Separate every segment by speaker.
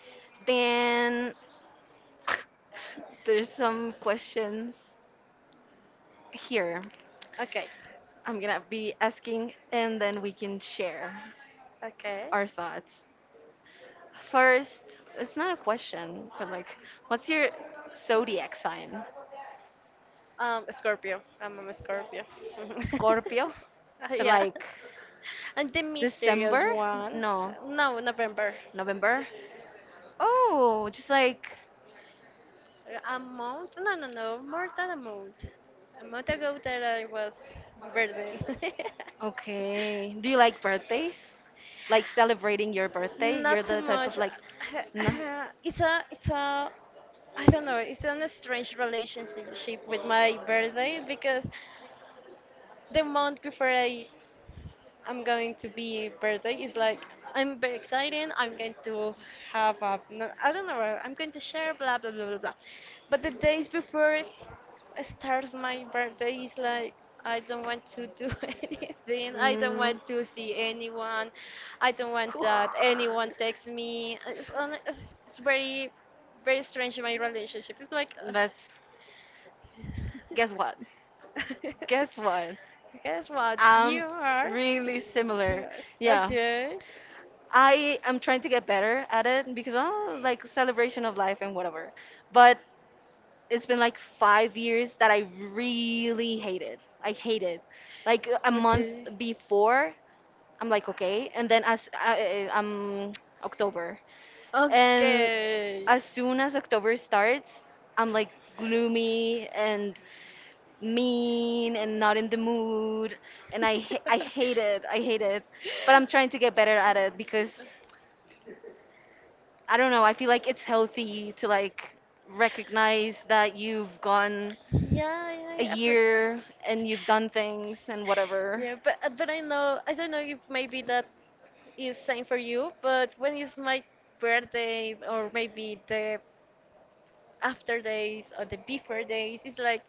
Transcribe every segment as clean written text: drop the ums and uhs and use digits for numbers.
Speaker 1: then there's some questions here.
Speaker 2: Okay,
Speaker 1: I'm gonna be asking and then we can share
Speaker 2: okay.
Speaker 1: our thoughts. First, it's not a question, but like, what's your zodiac sign?
Speaker 2: Scorpio. I'm a Scorpio.
Speaker 1: Scorpio? So,
Speaker 2: Yeah.
Speaker 1: like,
Speaker 2: And the
Speaker 1: December?
Speaker 2: mysterious one.
Speaker 1: No,
Speaker 2: No, November.
Speaker 1: November? Oh, just like,
Speaker 2: A month? No, no, no. More than a month. A month ago that I was birthing.
Speaker 1: okay. Do you like birthdays? Like, celebrating your birthday?
Speaker 2: Not
Speaker 1: You're
Speaker 2: too
Speaker 1: the type of
Speaker 2: much.
Speaker 1: like, no.
Speaker 2: It's a, it's a, I don't know. It's an strange relationship with my birthday because the month before I'm going to be birthday is like I'm very excited. I'm going to have a no, I don't know. I'm going to share blah blah blah blah blah. But the days before I start my birthday is like I don't want to do anything. I don't
Speaker 1: Mm.
Speaker 2: want to see anyone. I don't want
Speaker 1: Whew.
Speaker 2: that anyone text me. It's very very strange my relationship. It's like.
Speaker 1: That's Guess what? Guess what?
Speaker 2: Guess what?
Speaker 1: I'm
Speaker 2: You are.
Speaker 1: really similar. Yeah.
Speaker 2: Okay.
Speaker 1: I am trying to get better at it because oh, like celebration of life and whatever. But it's been like 5 years that I really hate it. I hate it. Like a month
Speaker 2: Okay.
Speaker 1: before, I'm like okay, and then I'm October, and
Speaker 2: Okay.
Speaker 1: as soon as October starts, I'm like gloomy and mean and not in the mood and I hate it. I hate it. But I'm trying to get better at it because I don't know, I feel like it's healthy to like recognize that you've gone
Speaker 2: Yeah, yeah,
Speaker 1: a
Speaker 2: yeah. But,
Speaker 1: year and you've done things and whatever.
Speaker 2: yeah, but I know I don't know if maybe that is same for you, but when is my birthday or maybe the after days or the before days it's like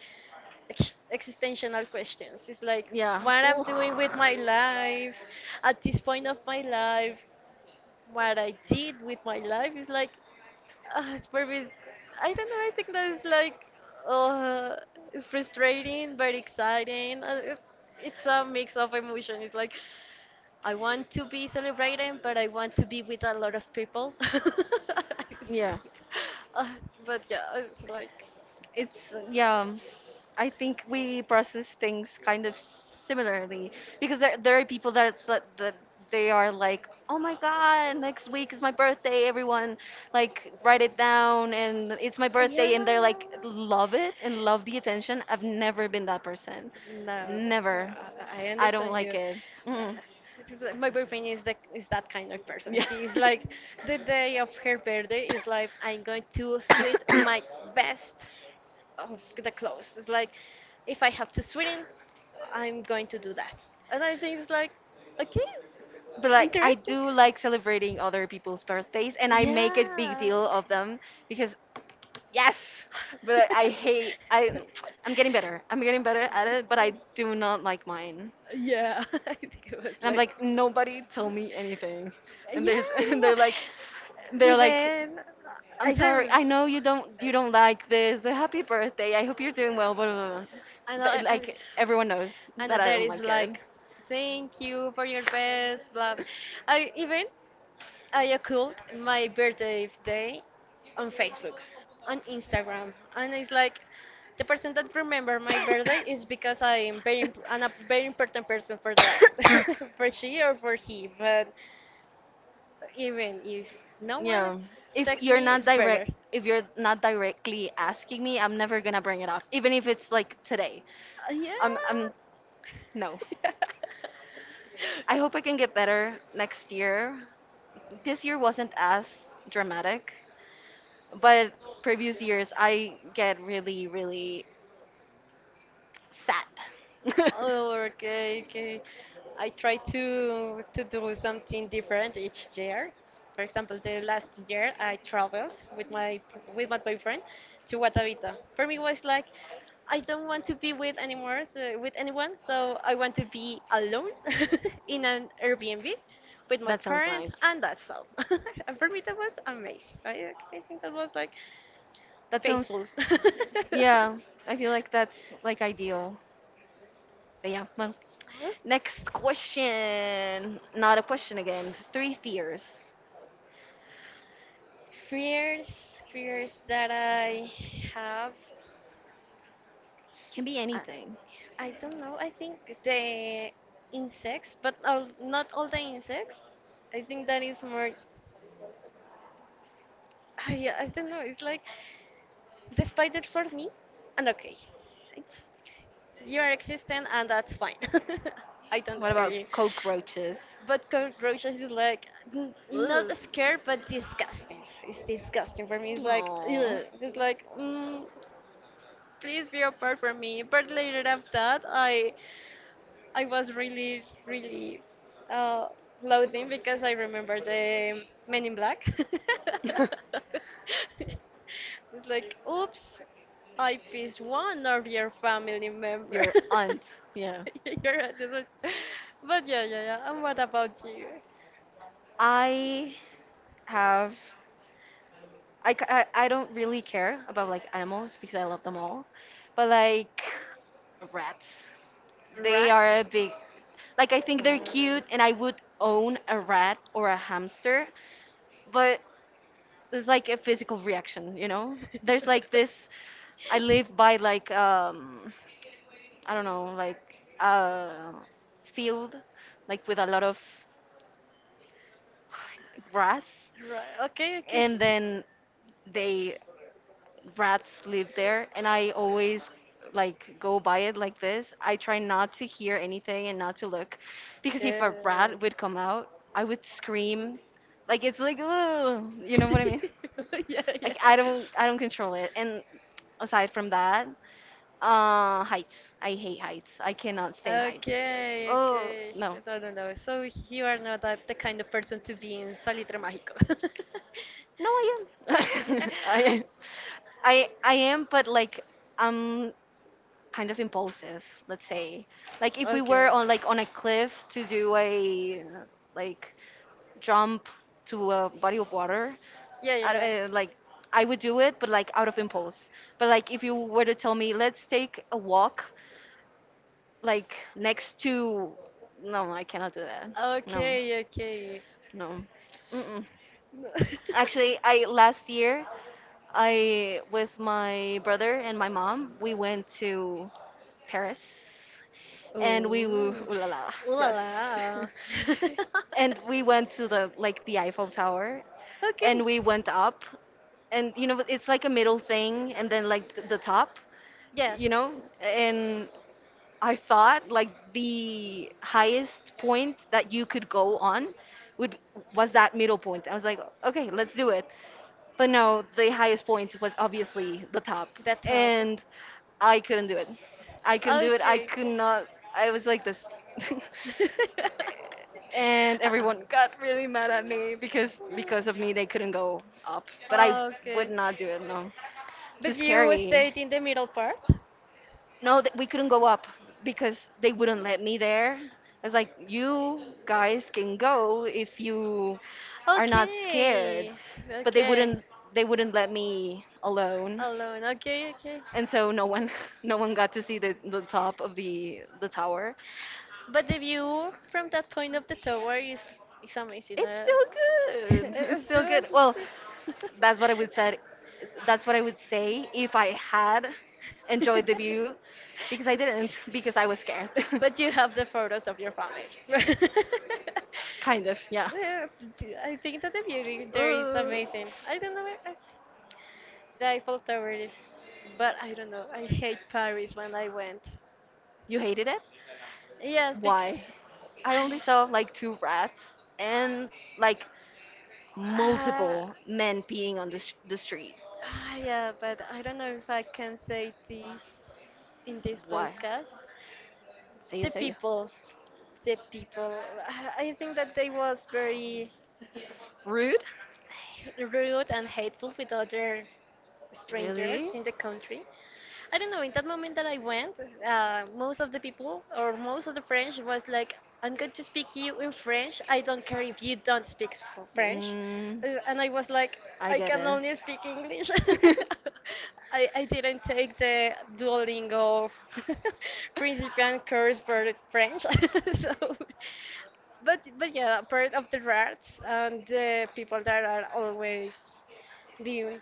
Speaker 2: existential questions it's like
Speaker 1: Yeah.
Speaker 2: what I'm
Speaker 1: Ooh.
Speaker 2: doing with my life at this point of my life what I did with my life is like it's probably I don't know I think that's like uh, it's frustrating but exciting it's a mix of emotion it's like I want to be celebrating but I want to be with a lot of people. It's
Speaker 1: Yeah,
Speaker 2: like- uh, but yeah, it's like
Speaker 1: it's yeah. I think we process things kind of similarly because there are people that it's like that they are like, oh my God, next week is my birthday. Everyone like write it down, and it's my
Speaker 2: yeah,
Speaker 1: birthday, and they're
Speaker 2: yeah.
Speaker 1: like love it and love the attention. I've never been that person,
Speaker 2: No,
Speaker 1: never.
Speaker 2: I
Speaker 1: I don't
Speaker 2: understand
Speaker 1: like
Speaker 2: you.
Speaker 1: it.
Speaker 2: Uh,
Speaker 1: Mm.
Speaker 2: it's like- My boyfriend is that kind of person.
Speaker 1: Yeah.
Speaker 2: He's like the day of her birthday is like I'm going to sweat my best of the clothes. It's like if I have to sweat in, I'm going to do that. And I think it's like okay.
Speaker 1: But like I
Speaker 2: Interesting.
Speaker 1: do like celebrating other people's birthdays and I make a big
Speaker 2: Yeah.
Speaker 1: deal of them because yes, but I'm getting better. I'm getting better at it, but I do not like mine.
Speaker 2: Yeah, I think it
Speaker 1: And
Speaker 2: was
Speaker 1: I'm
Speaker 2: like.
Speaker 1: like nobody told me anything. And
Speaker 2: Yeah,
Speaker 1: there's
Speaker 2: yeah,
Speaker 1: and
Speaker 2: yeah.
Speaker 1: they're like
Speaker 2: Even
Speaker 1: I'm
Speaker 2: I
Speaker 1: sorry.
Speaker 2: don't.
Speaker 1: I know you don't like this, but happy birthday. I hope you're doing well. Blah, blah, blah.
Speaker 2: I know.
Speaker 1: But,
Speaker 2: I, I,
Speaker 1: like everyone knows
Speaker 2: I know
Speaker 1: that I
Speaker 2: there
Speaker 1: don't
Speaker 2: is
Speaker 1: like it.
Speaker 2: like, thank you for your best, blah. I even I occult my birthday day on Facebook, on Instagram, and it's like the person that remember my birthday is because I am very I'm a very important person for that, for she or for he. But even if no one
Speaker 1: Yeah. If
Speaker 2: texts
Speaker 1: you're
Speaker 2: me,
Speaker 1: not
Speaker 2: it's better.
Speaker 1: direct if you're not directly asking me, I'm never gonna bring it up. Even if it's like today.
Speaker 2: Yeah.
Speaker 1: I'm no. I hope I can get better next year. This year wasn't as dramatic, but previous years I get really, really sad.
Speaker 2: Oh, okay, okay. I try to do something different each year. For example, the last year I traveled with my boyfriend to Guatavita. For me, it was like I don't want to be with anymore, so, with anyone. So I want to be alone in an Airbnb with my
Speaker 1: That sounds
Speaker 2: parent,
Speaker 1: nice.
Speaker 2: and that's all. And for me, that was amazing. I think that was like
Speaker 1: That sounds,
Speaker 2: peaceful.
Speaker 1: yeah, I feel like that's like ideal. But yeah, well,
Speaker 2: Yeah.
Speaker 1: next question. Not a question again. Three fears.
Speaker 2: Fears, fears that I have.
Speaker 1: Can be
Speaker 2: I,
Speaker 1: anything.
Speaker 2: I don't know. I think the insects, but all, not all the insects. I think that is more. I don't know. It's like the spider for me, and okay, it's you are existent, and that's fine. I don't
Speaker 1: What
Speaker 2: scare
Speaker 1: about
Speaker 2: you.
Speaker 1: cockroaches?
Speaker 2: But cockroaches is like
Speaker 1: Ugh.
Speaker 2: not scared, but disgusting. It's disgusting for me. It's like,
Speaker 1: Aw.
Speaker 2: ugh. It's like, mm, please be apart from me. But later after that, I was really really uh, loathing because I remember the Men in Black. It's like, oops, I pissed one of your family member.
Speaker 1: Your aunt, yeah.
Speaker 2: You're a dis- but yeah, yeah, yeah. And what about you?
Speaker 1: I have I, c- I don't really care about like animals because I love them all. But like rats. They
Speaker 2: Rats?
Speaker 1: are a big, like I think they're cute, and I would own a rat or a hamster, but it's like a physical reaction, you know? There's like this. I live by like I don't know, like a field, like with a lot of grass,
Speaker 2: Right. Okay, okay.
Speaker 1: and then they rats live there and I always like go by it like this. I try not to hear anything and not to look because if a
Speaker 2: Yeah.
Speaker 1: rat would come out, I would scream. Like it's like "Ugh," you know what I mean?
Speaker 2: Yeah, yeah.
Speaker 1: Like I don't control it. And aside from that, heights. I hate heights. I cannot stand heights.
Speaker 2: Okay,
Speaker 1: Oh,
Speaker 2: okay.
Speaker 1: no.
Speaker 2: No, no, no. So you are not that, the kind of person to be in Salitre Mágico.
Speaker 1: No, I am. I am, but like I'm kind of impulsive, let's say. Like if we were
Speaker 2: Okay.
Speaker 1: on like on a cliff to do a like jump to a body of water,
Speaker 2: Yeah,
Speaker 1: I, don't-
Speaker 2: yeah,
Speaker 1: like I would do it, but like out of impulse. But like if you were to tell me, let's take a walk, like next to, no, I cannot do that.
Speaker 2: yeah.
Speaker 1: No,
Speaker 2: Okay, okay.
Speaker 1: no. Mm-mm.
Speaker 2: No.
Speaker 1: Actually, I last year with my brother and my mom, we went to Paris, and we ooh
Speaker 2: Ooh,
Speaker 1: la la,
Speaker 2: ooh la
Speaker 1: yes,
Speaker 2: la.
Speaker 1: and we went to the Eiffel Tower, and
Speaker 2: Okay.
Speaker 1: we went up, and you know it's like a middle thing, and then like the top,
Speaker 2: Yes,
Speaker 1: you know, and I thought like the highest point that you could go on would was that middle point. I was like, okay, let's do it. But no, the highest point was obviously the top.
Speaker 2: that's all.
Speaker 1: And I couldn't do it. I couldn't do it. I
Speaker 2: Okay.
Speaker 1: could not. I was like this. And everyone got really mad at me because of me they couldn't go up. But I
Speaker 2: Uh-uh. Okay.
Speaker 1: would not do it. No. Too
Speaker 2: But you
Speaker 1: scary.
Speaker 2: stayed in the middle part?
Speaker 1: No, we couldn't go up because they wouldn't let me there. I was like, you guys can go if you are not scared,
Speaker 2: Okay.
Speaker 1: but they
Speaker 2: Okay.
Speaker 1: wouldn't they wouldn't let me alone.
Speaker 2: Alone. Okay, okay.
Speaker 1: And so no one no one got to see the top of the tower.
Speaker 2: But the view from that point of the tower is amazing.
Speaker 1: It's still good. It's
Speaker 2: As
Speaker 1: still
Speaker 2: soon
Speaker 1: good.
Speaker 2: as
Speaker 1: Well, that's what i would said that's what I would say if I had enjoyed the view, because I didn't. Because I was scared.
Speaker 2: but you have the photos of your family.
Speaker 1: Kind of, yeah.
Speaker 2: Yeah, th- I think that the beauty there is
Speaker 1: Ooh.
Speaker 2: amazing. I don't know I- the Eiffel Tower, is- but I don't know. I hate Paris when I went.
Speaker 1: You hated it.
Speaker 2: Yes, because
Speaker 1: Why? I only saw like two rats and like
Speaker 2: Uh,
Speaker 1: multiple men peeing on the street.
Speaker 2: yeah, but I don't know if I can say this in this
Speaker 1: Why?
Speaker 2: podcast.
Speaker 1: Say you,
Speaker 2: The
Speaker 1: say you
Speaker 2: people, the people. I think that they was very
Speaker 1: rude?
Speaker 2: rude and hateful with other
Speaker 1: Really?
Speaker 2: strangers in the country. I don't know, in that moment that I went, most of the people or most of the French was like, I'm going to speak you in French. I don't care if you don't speak French.
Speaker 1: Mm.
Speaker 2: And I was like,
Speaker 1: I
Speaker 2: I
Speaker 1: get
Speaker 2: can
Speaker 1: it.
Speaker 2: only speak English. I didn't take the Duolingo principiant course for French. So, but yeah, part of the rats and the people that are always viewing.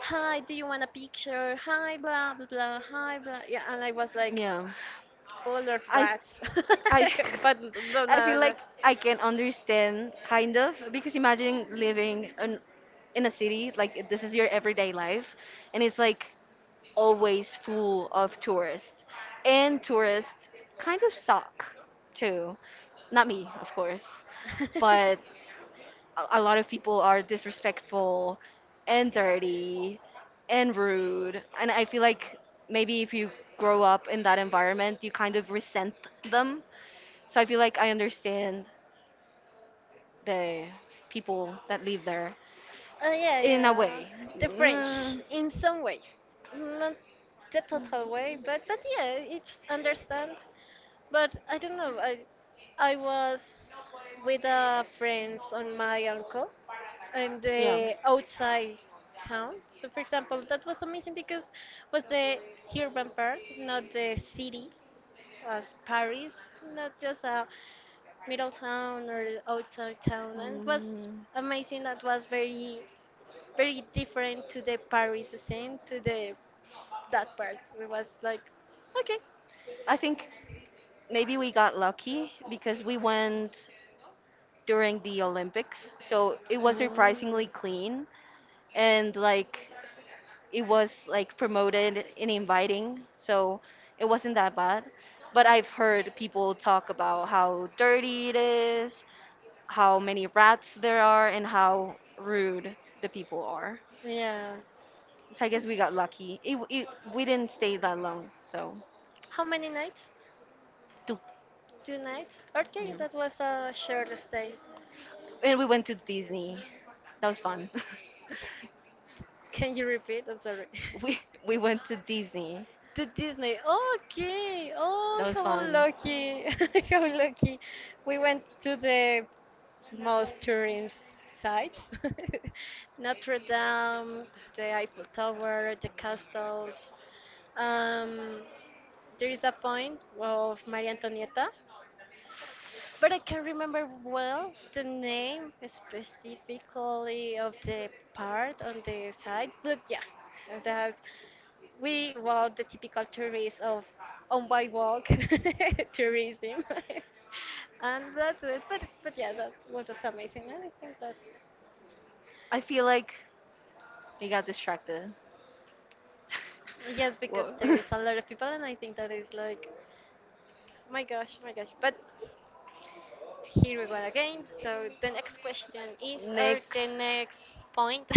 Speaker 2: Hi, do you want a picture? Hi, blah blah blah. Hi, blah. Yeah, and I was like,
Speaker 1: Yeah.
Speaker 2: full of
Speaker 1: I
Speaker 2: rats.
Speaker 1: I
Speaker 2: But no,
Speaker 1: I
Speaker 2: no,
Speaker 1: feel
Speaker 2: no.
Speaker 1: like I can understand kind of because imagine living in a city like this is your everyday life, and it's like always full of tourists, and tourists kind of suck too. Not me, of course, but a lot of people are disrespectful and dirty and rude. And I feel like maybe if you grow up in that environment, you kind of resent them. So I feel like I understand the people that live there
Speaker 2: Yeah,
Speaker 1: in a
Speaker 2: yeah,
Speaker 1: way.
Speaker 2: the French
Speaker 1: Mm.
Speaker 2: in some way, not the total way, but yeah, it's understand. But I don't know. I was with friends on my uncle in
Speaker 1: Yeah.
Speaker 2: the outside town. So for example, that was amazing because was the urban part, not the city, as Paris, not just a middle town or outside town, and it was
Speaker 1: Mm,
Speaker 2: amazing. That was very very different to the Paris scene, to the that part. It was like, okay.
Speaker 1: I think maybe we got lucky because we went during the Olympics. So it was
Speaker 2: Mm.
Speaker 1: surprisingly clean, and like it was like promoted in inviting, so it wasn't that bad. But I've heard people talk about how dirty it is, how many rats there are, and how rude the people are.
Speaker 2: Yeah.
Speaker 1: So I guess we got lucky. We didn't stay that long, so
Speaker 2: How many nights?
Speaker 1: tu-
Speaker 2: Two nights? Okay,
Speaker 1: yeah.
Speaker 2: that was a short stay.
Speaker 1: And we went to Disney. That was fun.
Speaker 2: Can you repeat? I'm sorry.
Speaker 1: we we went to Disney.
Speaker 2: To Disney. Okay.
Speaker 1: That
Speaker 2: Oh,
Speaker 1: was
Speaker 2: how
Speaker 1: fun.
Speaker 2: lucky. How lucky. We went to the most tourist sites. Notre Dame, the Eiffel Tower, the castles. Um, there is a point of Maria Antonietta, but I can't remember well the name specifically of the part on the side. But yeah, that we were the typical tourists of on by walk tourism. And that's it, but yeah, that was amazing. And I think that.
Speaker 1: I feel like I got distracted.
Speaker 2: Yes,
Speaker 1: Whoa.
Speaker 2: because there is a lot of people, and I think that is like, oh my gosh, oh my gosh. But here we go again. So the next question is, or
Speaker 1: Next
Speaker 2: the next point.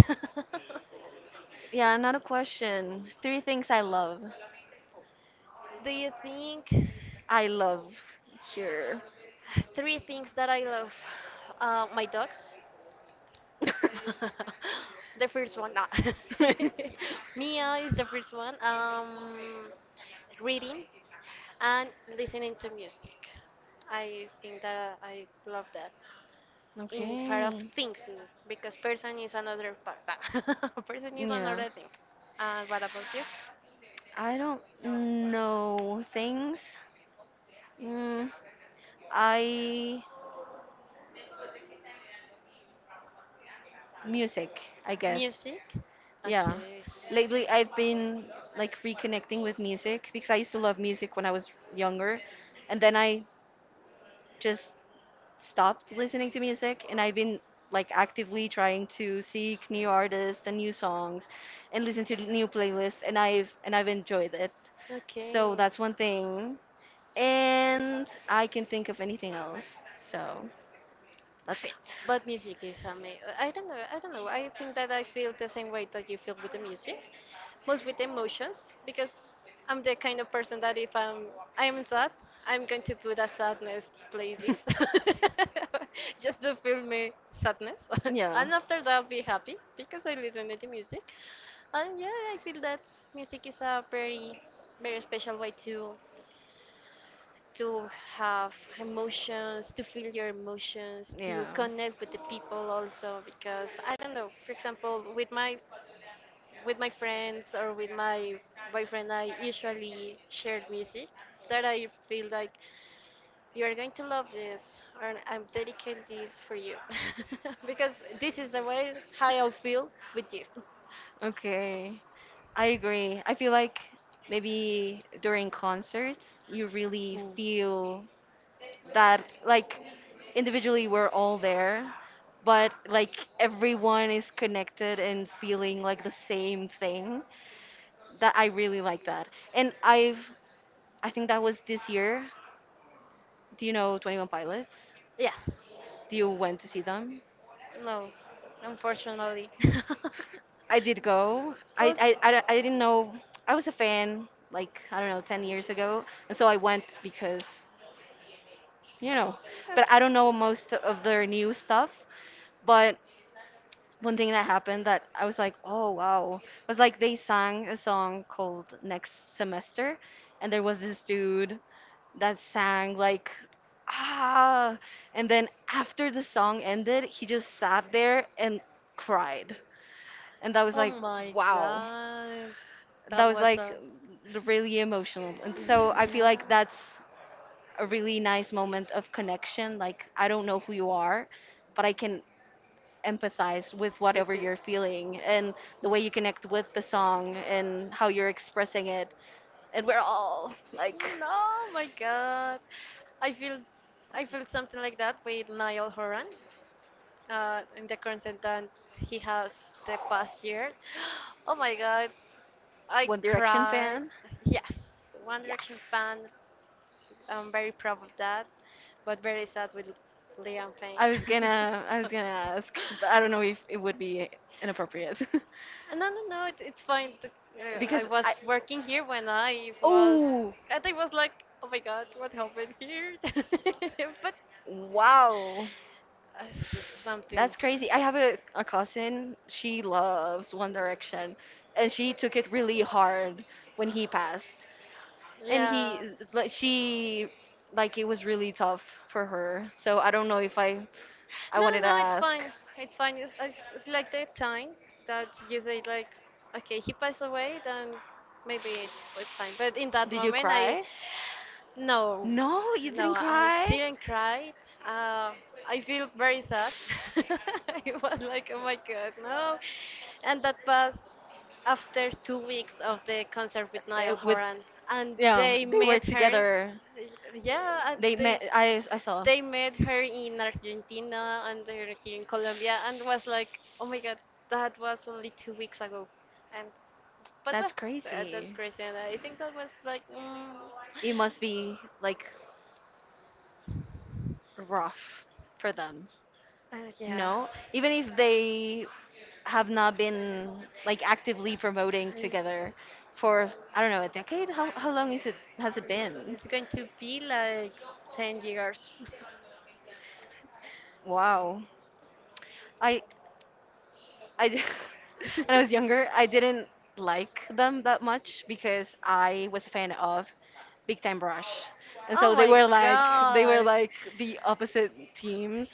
Speaker 1: Yeah, not a question. Three things I love.
Speaker 2: Do you think
Speaker 1: I love here.
Speaker 2: three things that I love? My dogs. The first one, nah. Mia is the first one. Reading and listening to music. I think that I love that. In part of
Speaker 1: Okay.
Speaker 2: things n- because person is another part. Person is
Speaker 1: Yeah.
Speaker 2: another thing. And what about you?
Speaker 1: I don't know things. Mm, I Music, I guess.
Speaker 2: Music?
Speaker 1: Yeah.
Speaker 2: Okay.
Speaker 1: Lately I've been like reconnecting with music because I used to love music when I was younger, and then I just stopped listening to music, and I've been like actively trying to seek new artists and new songs and listen to new playlists, and I've enjoyed it. So
Speaker 2: Okay.
Speaker 1: that's one thing. And I can think of anything else. So that's it.
Speaker 2: But music is amazing. I don't know. I don't know. I think that I feel the same way that you feel with the music. Most with emotions because I'm the kind of person that if I am sad, I'm going to put a sadness playlist just to feel my sadness,
Speaker 1: Yeah.
Speaker 2: and after that I'll be happy because I listen to the music, and yeah, I feel that music is a very very special way to have emotions, to feel your emotions,
Speaker 1: Yeah.
Speaker 2: to connect with the people also because I don't know, for example, with my friends or with my boyfriend, I usually share music that I feel like you are going to love this, or I'm dedicating this for you, because this is the way how I feel with you.
Speaker 1: Okay. I agree. I feel like maybe during concerts, you really feel that, like, individually we're all there, but like everyone is connected and feeling like the same thing. That I really like that. And I think that was this year. Do you know 21 Pilots?
Speaker 2: Yes.
Speaker 1: Do you went to see them?
Speaker 2: No. Unfortunately.
Speaker 1: I did go.
Speaker 2: Oh.
Speaker 1: I didn't know. I was a fan, like, I don't know, 10 years ago. And so I went because, you know, but I don't know most of their new stuff. But one thing that happened that I was like, oh, wow, was like they sang a song called Next Semester. And there was this dude that sang, like, ah. And then after the song ended, he just sat there and cried. And that was
Speaker 2: Oh
Speaker 1: like,
Speaker 2: my
Speaker 1: wow,
Speaker 2: God,
Speaker 1: that
Speaker 2: that
Speaker 1: was
Speaker 2: was
Speaker 1: like
Speaker 2: a
Speaker 1: really emotional. And so I feel like
Speaker 2: yeah.
Speaker 1: that's a really nice moment of connection. Like, I don't know who you are, but I can empathize with
Speaker 2: With
Speaker 1: whatever
Speaker 2: the,
Speaker 1: you're feeling and the way you connect with the song and how you're expressing it. And we're all like
Speaker 2: no my God, i feel I feel something like that with Niall Horan in the content that he has the past year. Oh my God, I
Speaker 1: one direction
Speaker 2: cried.
Speaker 1: fan.
Speaker 2: Yes, One
Speaker 1: Yes.
Speaker 2: Direction fan. I'm very proud of that, but very sad with Liam Payne.
Speaker 1: I was gonna ask, but I don't know if it would be inappropriate.
Speaker 2: No, no, no. It's fine. I
Speaker 1: because I
Speaker 2: was working here when I was,
Speaker 1: Oh.
Speaker 2: and I was like, oh my God, what happened here? But
Speaker 1: Wow.
Speaker 2: uh, this is something.
Speaker 1: That's crazy. I have a cousin. She loves One Direction, and she took it really hard when he passed. And
Speaker 2: Yeah.
Speaker 1: he, like, she, like, it was really tough for her. So I don't know if I
Speaker 2: No, no,
Speaker 1: wanted to
Speaker 2: no, it's fine.
Speaker 1: ask,
Speaker 2: It's fine. It's like that time that you say like, okay, he passed away, then maybe it's fine. But in that
Speaker 1: did you
Speaker 2: moment, I
Speaker 1: cry?
Speaker 2: No,
Speaker 1: No, you
Speaker 2: no,
Speaker 1: didn't
Speaker 2: I
Speaker 1: cry?
Speaker 2: didn't cry. Uh, I feel very sad. It was like, oh my God, no. And that was after 2 weeks of the concert with Niall
Speaker 1: With,
Speaker 2: Horan, and
Speaker 1: yeah,
Speaker 2: they
Speaker 1: they were
Speaker 2: met her,
Speaker 1: together.
Speaker 2: yeah, and
Speaker 1: They met.
Speaker 2: they
Speaker 1: I saw.
Speaker 2: they met her in Argentina and they're here in Colombia, and was like, oh my God, that was only 2 weeks ago, and but
Speaker 1: That's
Speaker 2: well, that's
Speaker 1: crazy.
Speaker 2: crazy, and I think that was like, mm,
Speaker 1: It must be like rough for them.
Speaker 2: yeah.
Speaker 1: No, even if they have not been like actively promoting together for, I don't know, a decade. How long is it has it been?
Speaker 2: It's going to be like 10 years.
Speaker 1: Wow. i I d- when I was younger, I didn't like them that much because I was a fan of Big Time Rush, and so they were like the opposite teams,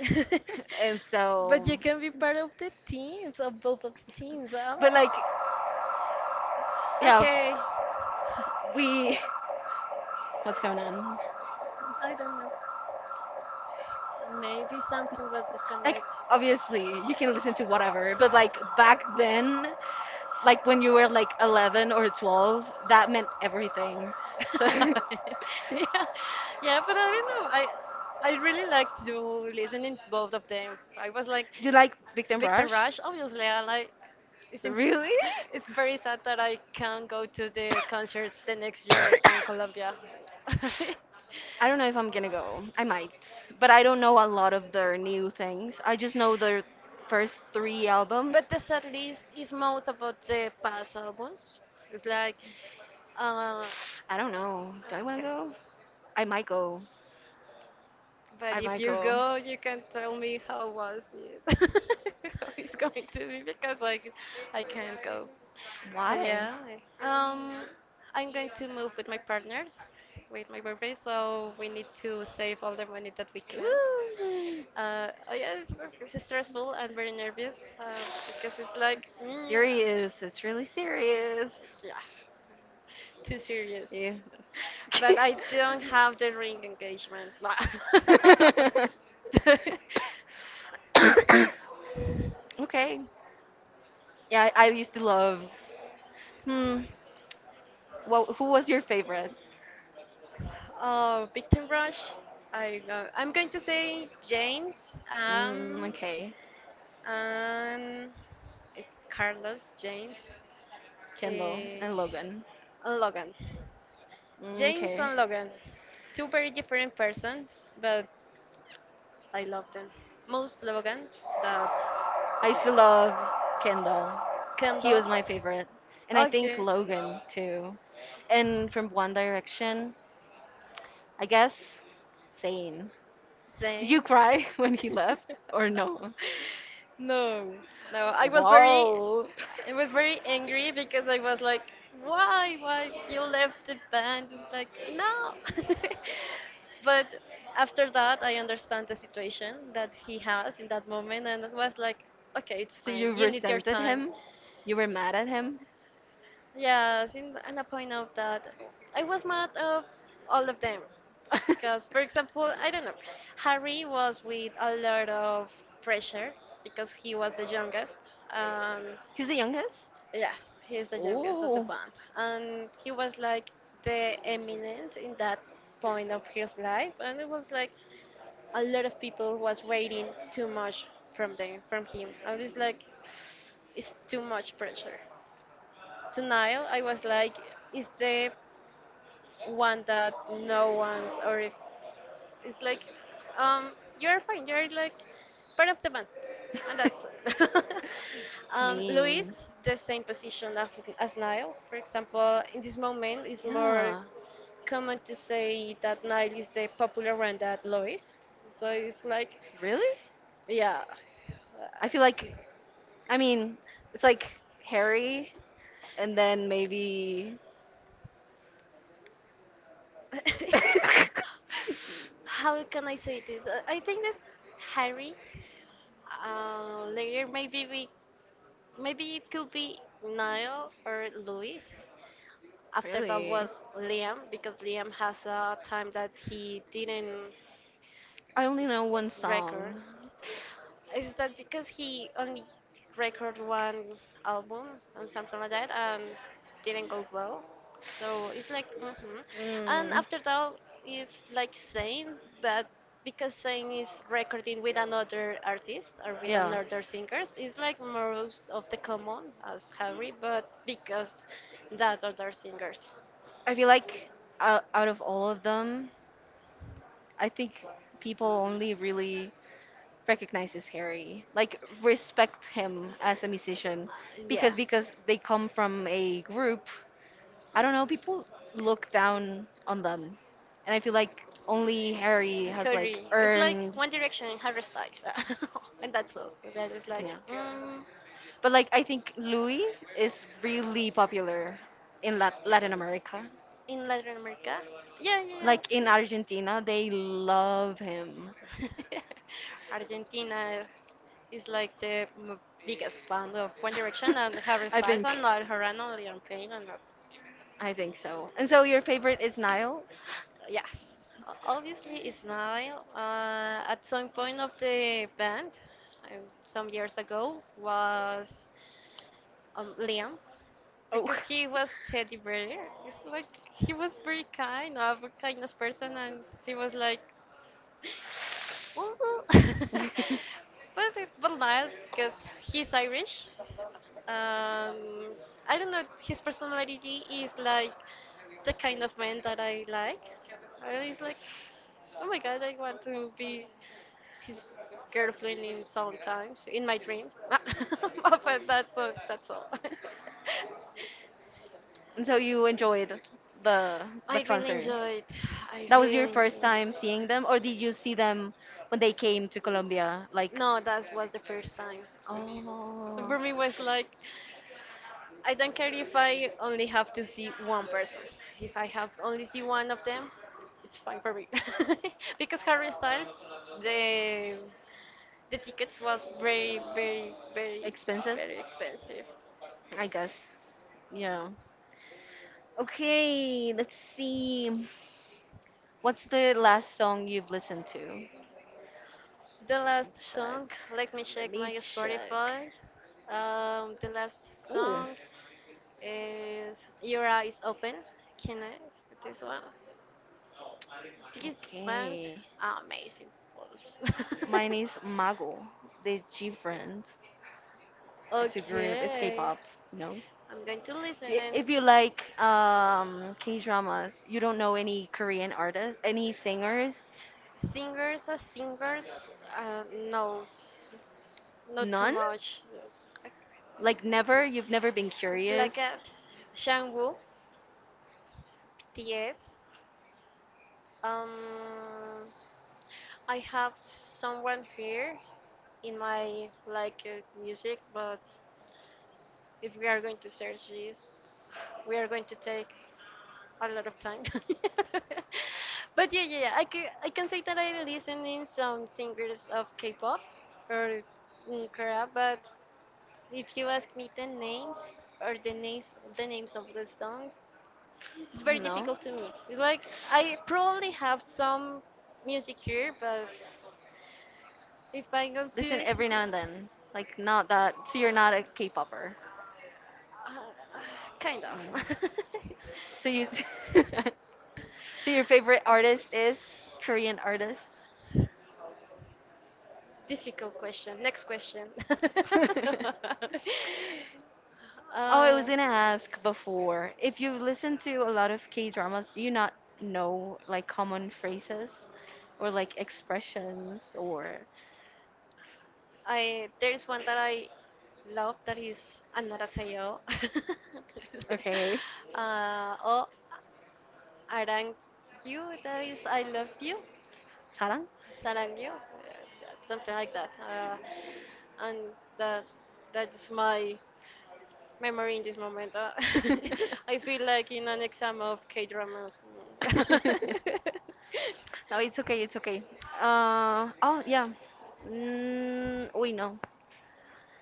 Speaker 1: and
Speaker 2: But you
Speaker 1: so
Speaker 2: can be part of the teams, of both of the teams. I'm
Speaker 1: but
Speaker 2: like,
Speaker 1: like yeah
Speaker 2: okay,
Speaker 1: we what's going on.
Speaker 2: I don't know. Maybe something was
Speaker 1: Like,
Speaker 2: disconnected.
Speaker 1: obviously you can listen to whatever, but like back then, like when you were like 11 or 12, that meant everything, so.
Speaker 2: Yeah, yeah, but I don't know. I really liked to listening both of them. I was like
Speaker 1: You like Victim
Speaker 2: Victor
Speaker 1: Rush?
Speaker 2: Rush. Obviously, I like. It's
Speaker 1: Really?
Speaker 2: it's very sad that I can't go to the concert the next year here in Colombia.
Speaker 1: I don't know if I'm gonna go. I might, but I don't know a lot of their new things. I just know their first three albums.
Speaker 2: But the set list is most about the past albums. It's uh,
Speaker 1: I don't know. Do I wanna go? I might go.
Speaker 2: but
Speaker 1: I
Speaker 2: if
Speaker 1: might
Speaker 2: you
Speaker 1: go.
Speaker 2: go, you can tell me how was it. How it's going to be because like I can't go. But
Speaker 1: Why?
Speaker 2: yeah, I- um, I'm going to move with my partner, with my boyfriend. So we need to save all the money that we can.
Speaker 1: Ooh.
Speaker 2: Oh yeah, it's stressful and very nervous because it's like
Speaker 1: Serious. It's really serious.
Speaker 2: yeah, too serious.
Speaker 1: Yeah.
Speaker 2: But I don't have the ring engagement.
Speaker 1: Okay. Yeah, I used to love. Hmm. Well, who was your favorite?
Speaker 2: Oh, Victim Rush. I go, I'm going to say James.
Speaker 1: Mm, okay.
Speaker 2: And it's Carlos James.
Speaker 1: Kendall
Speaker 2: eh,
Speaker 1: and Logan.
Speaker 2: and Logan.
Speaker 1: Mm,
Speaker 2: James
Speaker 1: okay.
Speaker 2: and Logan. Two very different persons, but I love them. Most Logan than
Speaker 1: I used to
Speaker 2: James.
Speaker 1: love Kendall. He was
Speaker 2: Kendall.
Speaker 1: my favorite. And I think
Speaker 2: Okay.
Speaker 1: Logan too. And from One Direction, I guess Zayn. Did you
Speaker 2: Zane.
Speaker 1: cry when he left or no?
Speaker 2: No, no.
Speaker 1: Whoa.
Speaker 2: I was very angry because I was like, why you left the band? It's like no. But after that, I understand the situation that he has in that moment, and it was like, okay, it's
Speaker 1: So
Speaker 2: fine.
Speaker 1: you
Speaker 2: You need your
Speaker 1: resented
Speaker 2: time.
Speaker 1: him? You were mad at him?
Speaker 2: Yes, in the point of that, I was mad of all of them because, for example, I don't know, Harry was with a lot of pressure because he was the youngest. Um,
Speaker 1: He's the youngest?
Speaker 2: yes, he's the youngest of the
Speaker 1: Oh.
Speaker 2: band, and he was like the eminent in that point of his life, and it was like a lot of people was waiting too much from them, from him, and it's like it's too much pressure. To Niall, I was like, is the one that no one's or it- it's like um you're fine, you're like part of the band and that's it. Um,
Speaker 1: Mean.
Speaker 2: Luis, the same position as Niall. For example, in this moment it's more
Speaker 1: Yeah.
Speaker 2: common to say that Niall is the popular one than Luis, so it's like
Speaker 1: Really?
Speaker 2: yeah.
Speaker 1: I feel
Speaker 2: Like,
Speaker 1: like, I mean, it's like Harry and then maybe.
Speaker 2: how can I say this? I think that's Harry. Later maybe it could be Niall or Luis. After that
Speaker 1: Really?
Speaker 2: was Liam because Liam has a time that he didn't
Speaker 1: I only know one
Speaker 2: record.
Speaker 1: song.
Speaker 2: Is that because he only recorded one album or something like that and didn't go well? So it's like, hmm, and
Speaker 1: Mm.
Speaker 2: after that, it's like Zayn, but because Zayn is recording with another artist or with
Speaker 1: Yeah.
Speaker 2: another singers, it's like most of the common as Harry, but because that other singers,
Speaker 1: I feel like out of all of them, I think people only really recognizes Harry, like respect him as a musician,
Speaker 2: yeah.
Speaker 1: because they come from a group. I don't know, people look down on them. And I feel like only Harry has like
Speaker 2: Hurry. It's like
Speaker 1: earned,
Speaker 2: One Direction, Harry Styles, and that's all. That is like
Speaker 1: yeah. But like I think Louis is really popular in Latin America.
Speaker 2: in Latin America. Yeah, yeah.
Speaker 1: Like in Argentina, they love him.
Speaker 2: Yeah. Argentina is like the biggest fan of One Direction and Harry
Speaker 1: I
Speaker 2: Styles and
Speaker 1: think.
Speaker 2: Niall Horan, Liam Payne, and
Speaker 1: I think so. And so your favorite is Niall?
Speaker 2: yes, obviously it's Niall. At some point of the band, um, some years ago, was Liam,
Speaker 1: Oh.
Speaker 2: because he was teddy bear. It's like he was very kind, a very kindness person, and he was like, "Ooh." but but not because he's Irish. Um, I don't know. His personality is like the kind of man that I like. I was like, oh my god, I want to be his girlfriend in sometimes in my dreams. But that's all, that's all.
Speaker 1: And so you enjoyed the the
Speaker 2: I really
Speaker 1: concert.
Speaker 2: enjoyed. I
Speaker 1: That was your
Speaker 2: really
Speaker 1: first
Speaker 2: enjoyed.
Speaker 1: time seeing them, or did you see them when they came to Colombia? Like,
Speaker 2: No, that was the first time. So
Speaker 1: oh,
Speaker 2: for me was like I don't care if I only have to see one person. If I have only see one of them, it's fine for me. Because Harry Styles, the the tickets was very, very, very,
Speaker 1: expensive,
Speaker 2: very expensive.
Speaker 1: I guess. Yeah. Okay, let's see. What's the last song you've listened to?
Speaker 2: The
Speaker 1: Let me
Speaker 2: last song,
Speaker 1: check.
Speaker 2: let me
Speaker 1: Let
Speaker 2: check my
Speaker 1: me check.
Speaker 2: Spotify. The last
Speaker 1: Ooh,
Speaker 2: song Is Your Eyes Open? Can I? This one. This band,
Speaker 1: okay.
Speaker 2: amazing. Balls.
Speaker 1: Mine is Mago, the G Friends. It's a group. It's
Speaker 2: Okay,
Speaker 1: K-pop. No.
Speaker 2: I'm going to listen. And
Speaker 1: If you like K-dramas, you don't know any Korean artists, any singers,
Speaker 2: singers, as singers, no, not too
Speaker 1: none.
Speaker 2: much.
Speaker 1: Like never. You've never been
Speaker 2: It's like
Speaker 1: curious.
Speaker 2: a Shangwu, TS. Um, I have someone here in my like music, but if we are going to search this, we are going to take a lot of time. But yeah, yeah, yeah. I can say that I listen in some singers of K-pop or Korea, but if you ask me the names or the names of the songs, it's very
Speaker 1: No.
Speaker 2: difficult to me. It's like I probably have some music here, but if I go
Speaker 1: Listen
Speaker 2: to
Speaker 1: every now and then. Like not that. So you're not a K-popper.
Speaker 2: Uh, kind of
Speaker 1: Mm. So you, so your favorite artist is Korean artist.
Speaker 2: difficult question. Next question.
Speaker 1: Oh, I
Speaker 2: uh,
Speaker 1: was gonna ask before, if you've listened to a lot of K dramas, do you not know like common phrases or like expressions or
Speaker 2: I there is one that I love that is Anarasayo.
Speaker 1: okay,
Speaker 2: Oh, Arang you, that is I love you,
Speaker 1: 사랑?
Speaker 2: Sarang you, something like that. And that that's my memory in this moment. I feel like in an exam of K dramas.
Speaker 1: No, it's okay, it's okay. Oh, yeah. We know.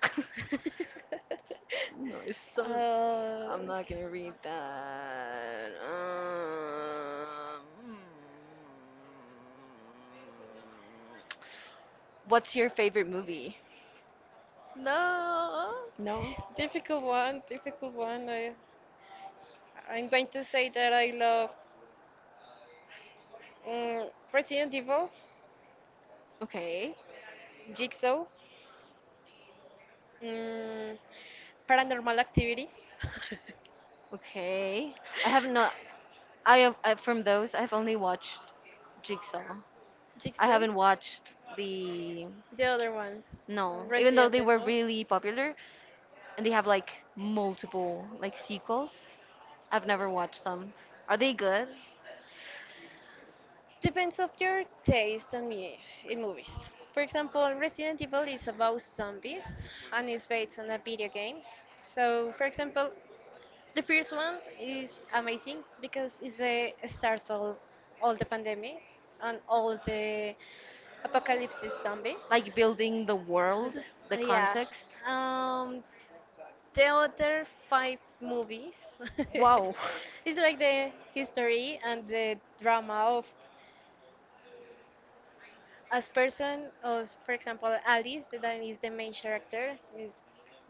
Speaker 1: No, it's so.
Speaker 2: uh,
Speaker 1: I'm not gonna read that. What's your favorite movie?
Speaker 2: No,
Speaker 1: No.
Speaker 2: difficult one, difficult one. I, I'm going to say that I love Resident Evil,
Speaker 1: Okay.
Speaker 2: Jigsaw, um, Paranormal Activity,
Speaker 1: Okay. I have not. From those, I've only watched Jigsaw. I
Speaker 2: Jigsaw,
Speaker 1: haven't watched the.
Speaker 2: the other ones,
Speaker 1: No, even though
Speaker 2: Resident
Speaker 1: they were
Speaker 2: Evil.
Speaker 1: really popular, and they have like multiple like sequels. I've never watched them. Are they good?
Speaker 2: Depends of your taste and me in movies. For example, Resident Evil is about zombies and is based on a video game. So, for example, the first one is amazing because it's the start of all the pandemic and all the apocalypse zombie.
Speaker 1: Like building the world, the
Speaker 2: Yeah.
Speaker 1: context.
Speaker 2: Um, the other five movies
Speaker 1: Wow.
Speaker 2: is like the history and the drama of as person as, for example, Alice, that is the main character, is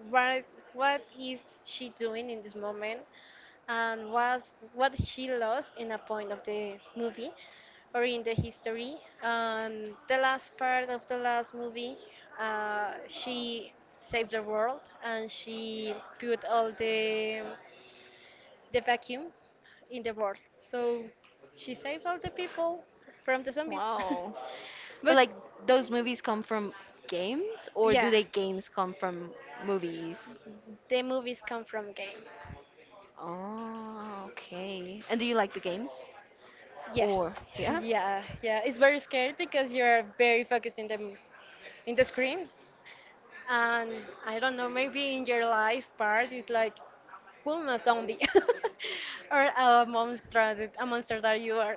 Speaker 2: what what is she doing in this moment, and was what she lost in a point of the movie or in the history. And the last part of the last movie, she saved the world and she put all the vacuum in the world, so she saved all the people from the zombies.
Speaker 1: Wow. But
Speaker 2: But
Speaker 1: like those movies come from games, or do
Speaker 2: yeah,
Speaker 1: they games come from movies?
Speaker 2: the movies come from games.
Speaker 1: Oh, okay. And do you like the games? Or
Speaker 2: Yes,
Speaker 1: yeah?
Speaker 2: yeah, yeah. It's very scary because you're very focused in the screen, and I don't know, maybe in your life part is like, boom, a zombie, or a monster, a monster that you are.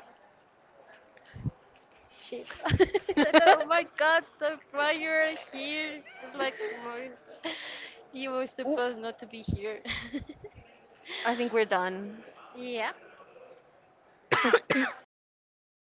Speaker 2: Shit. That, oh my God, why you're here. It's like, you were
Speaker 1: Ooh,
Speaker 2: supposed not to be here.
Speaker 1: I think we're done.
Speaker 2: Yeah.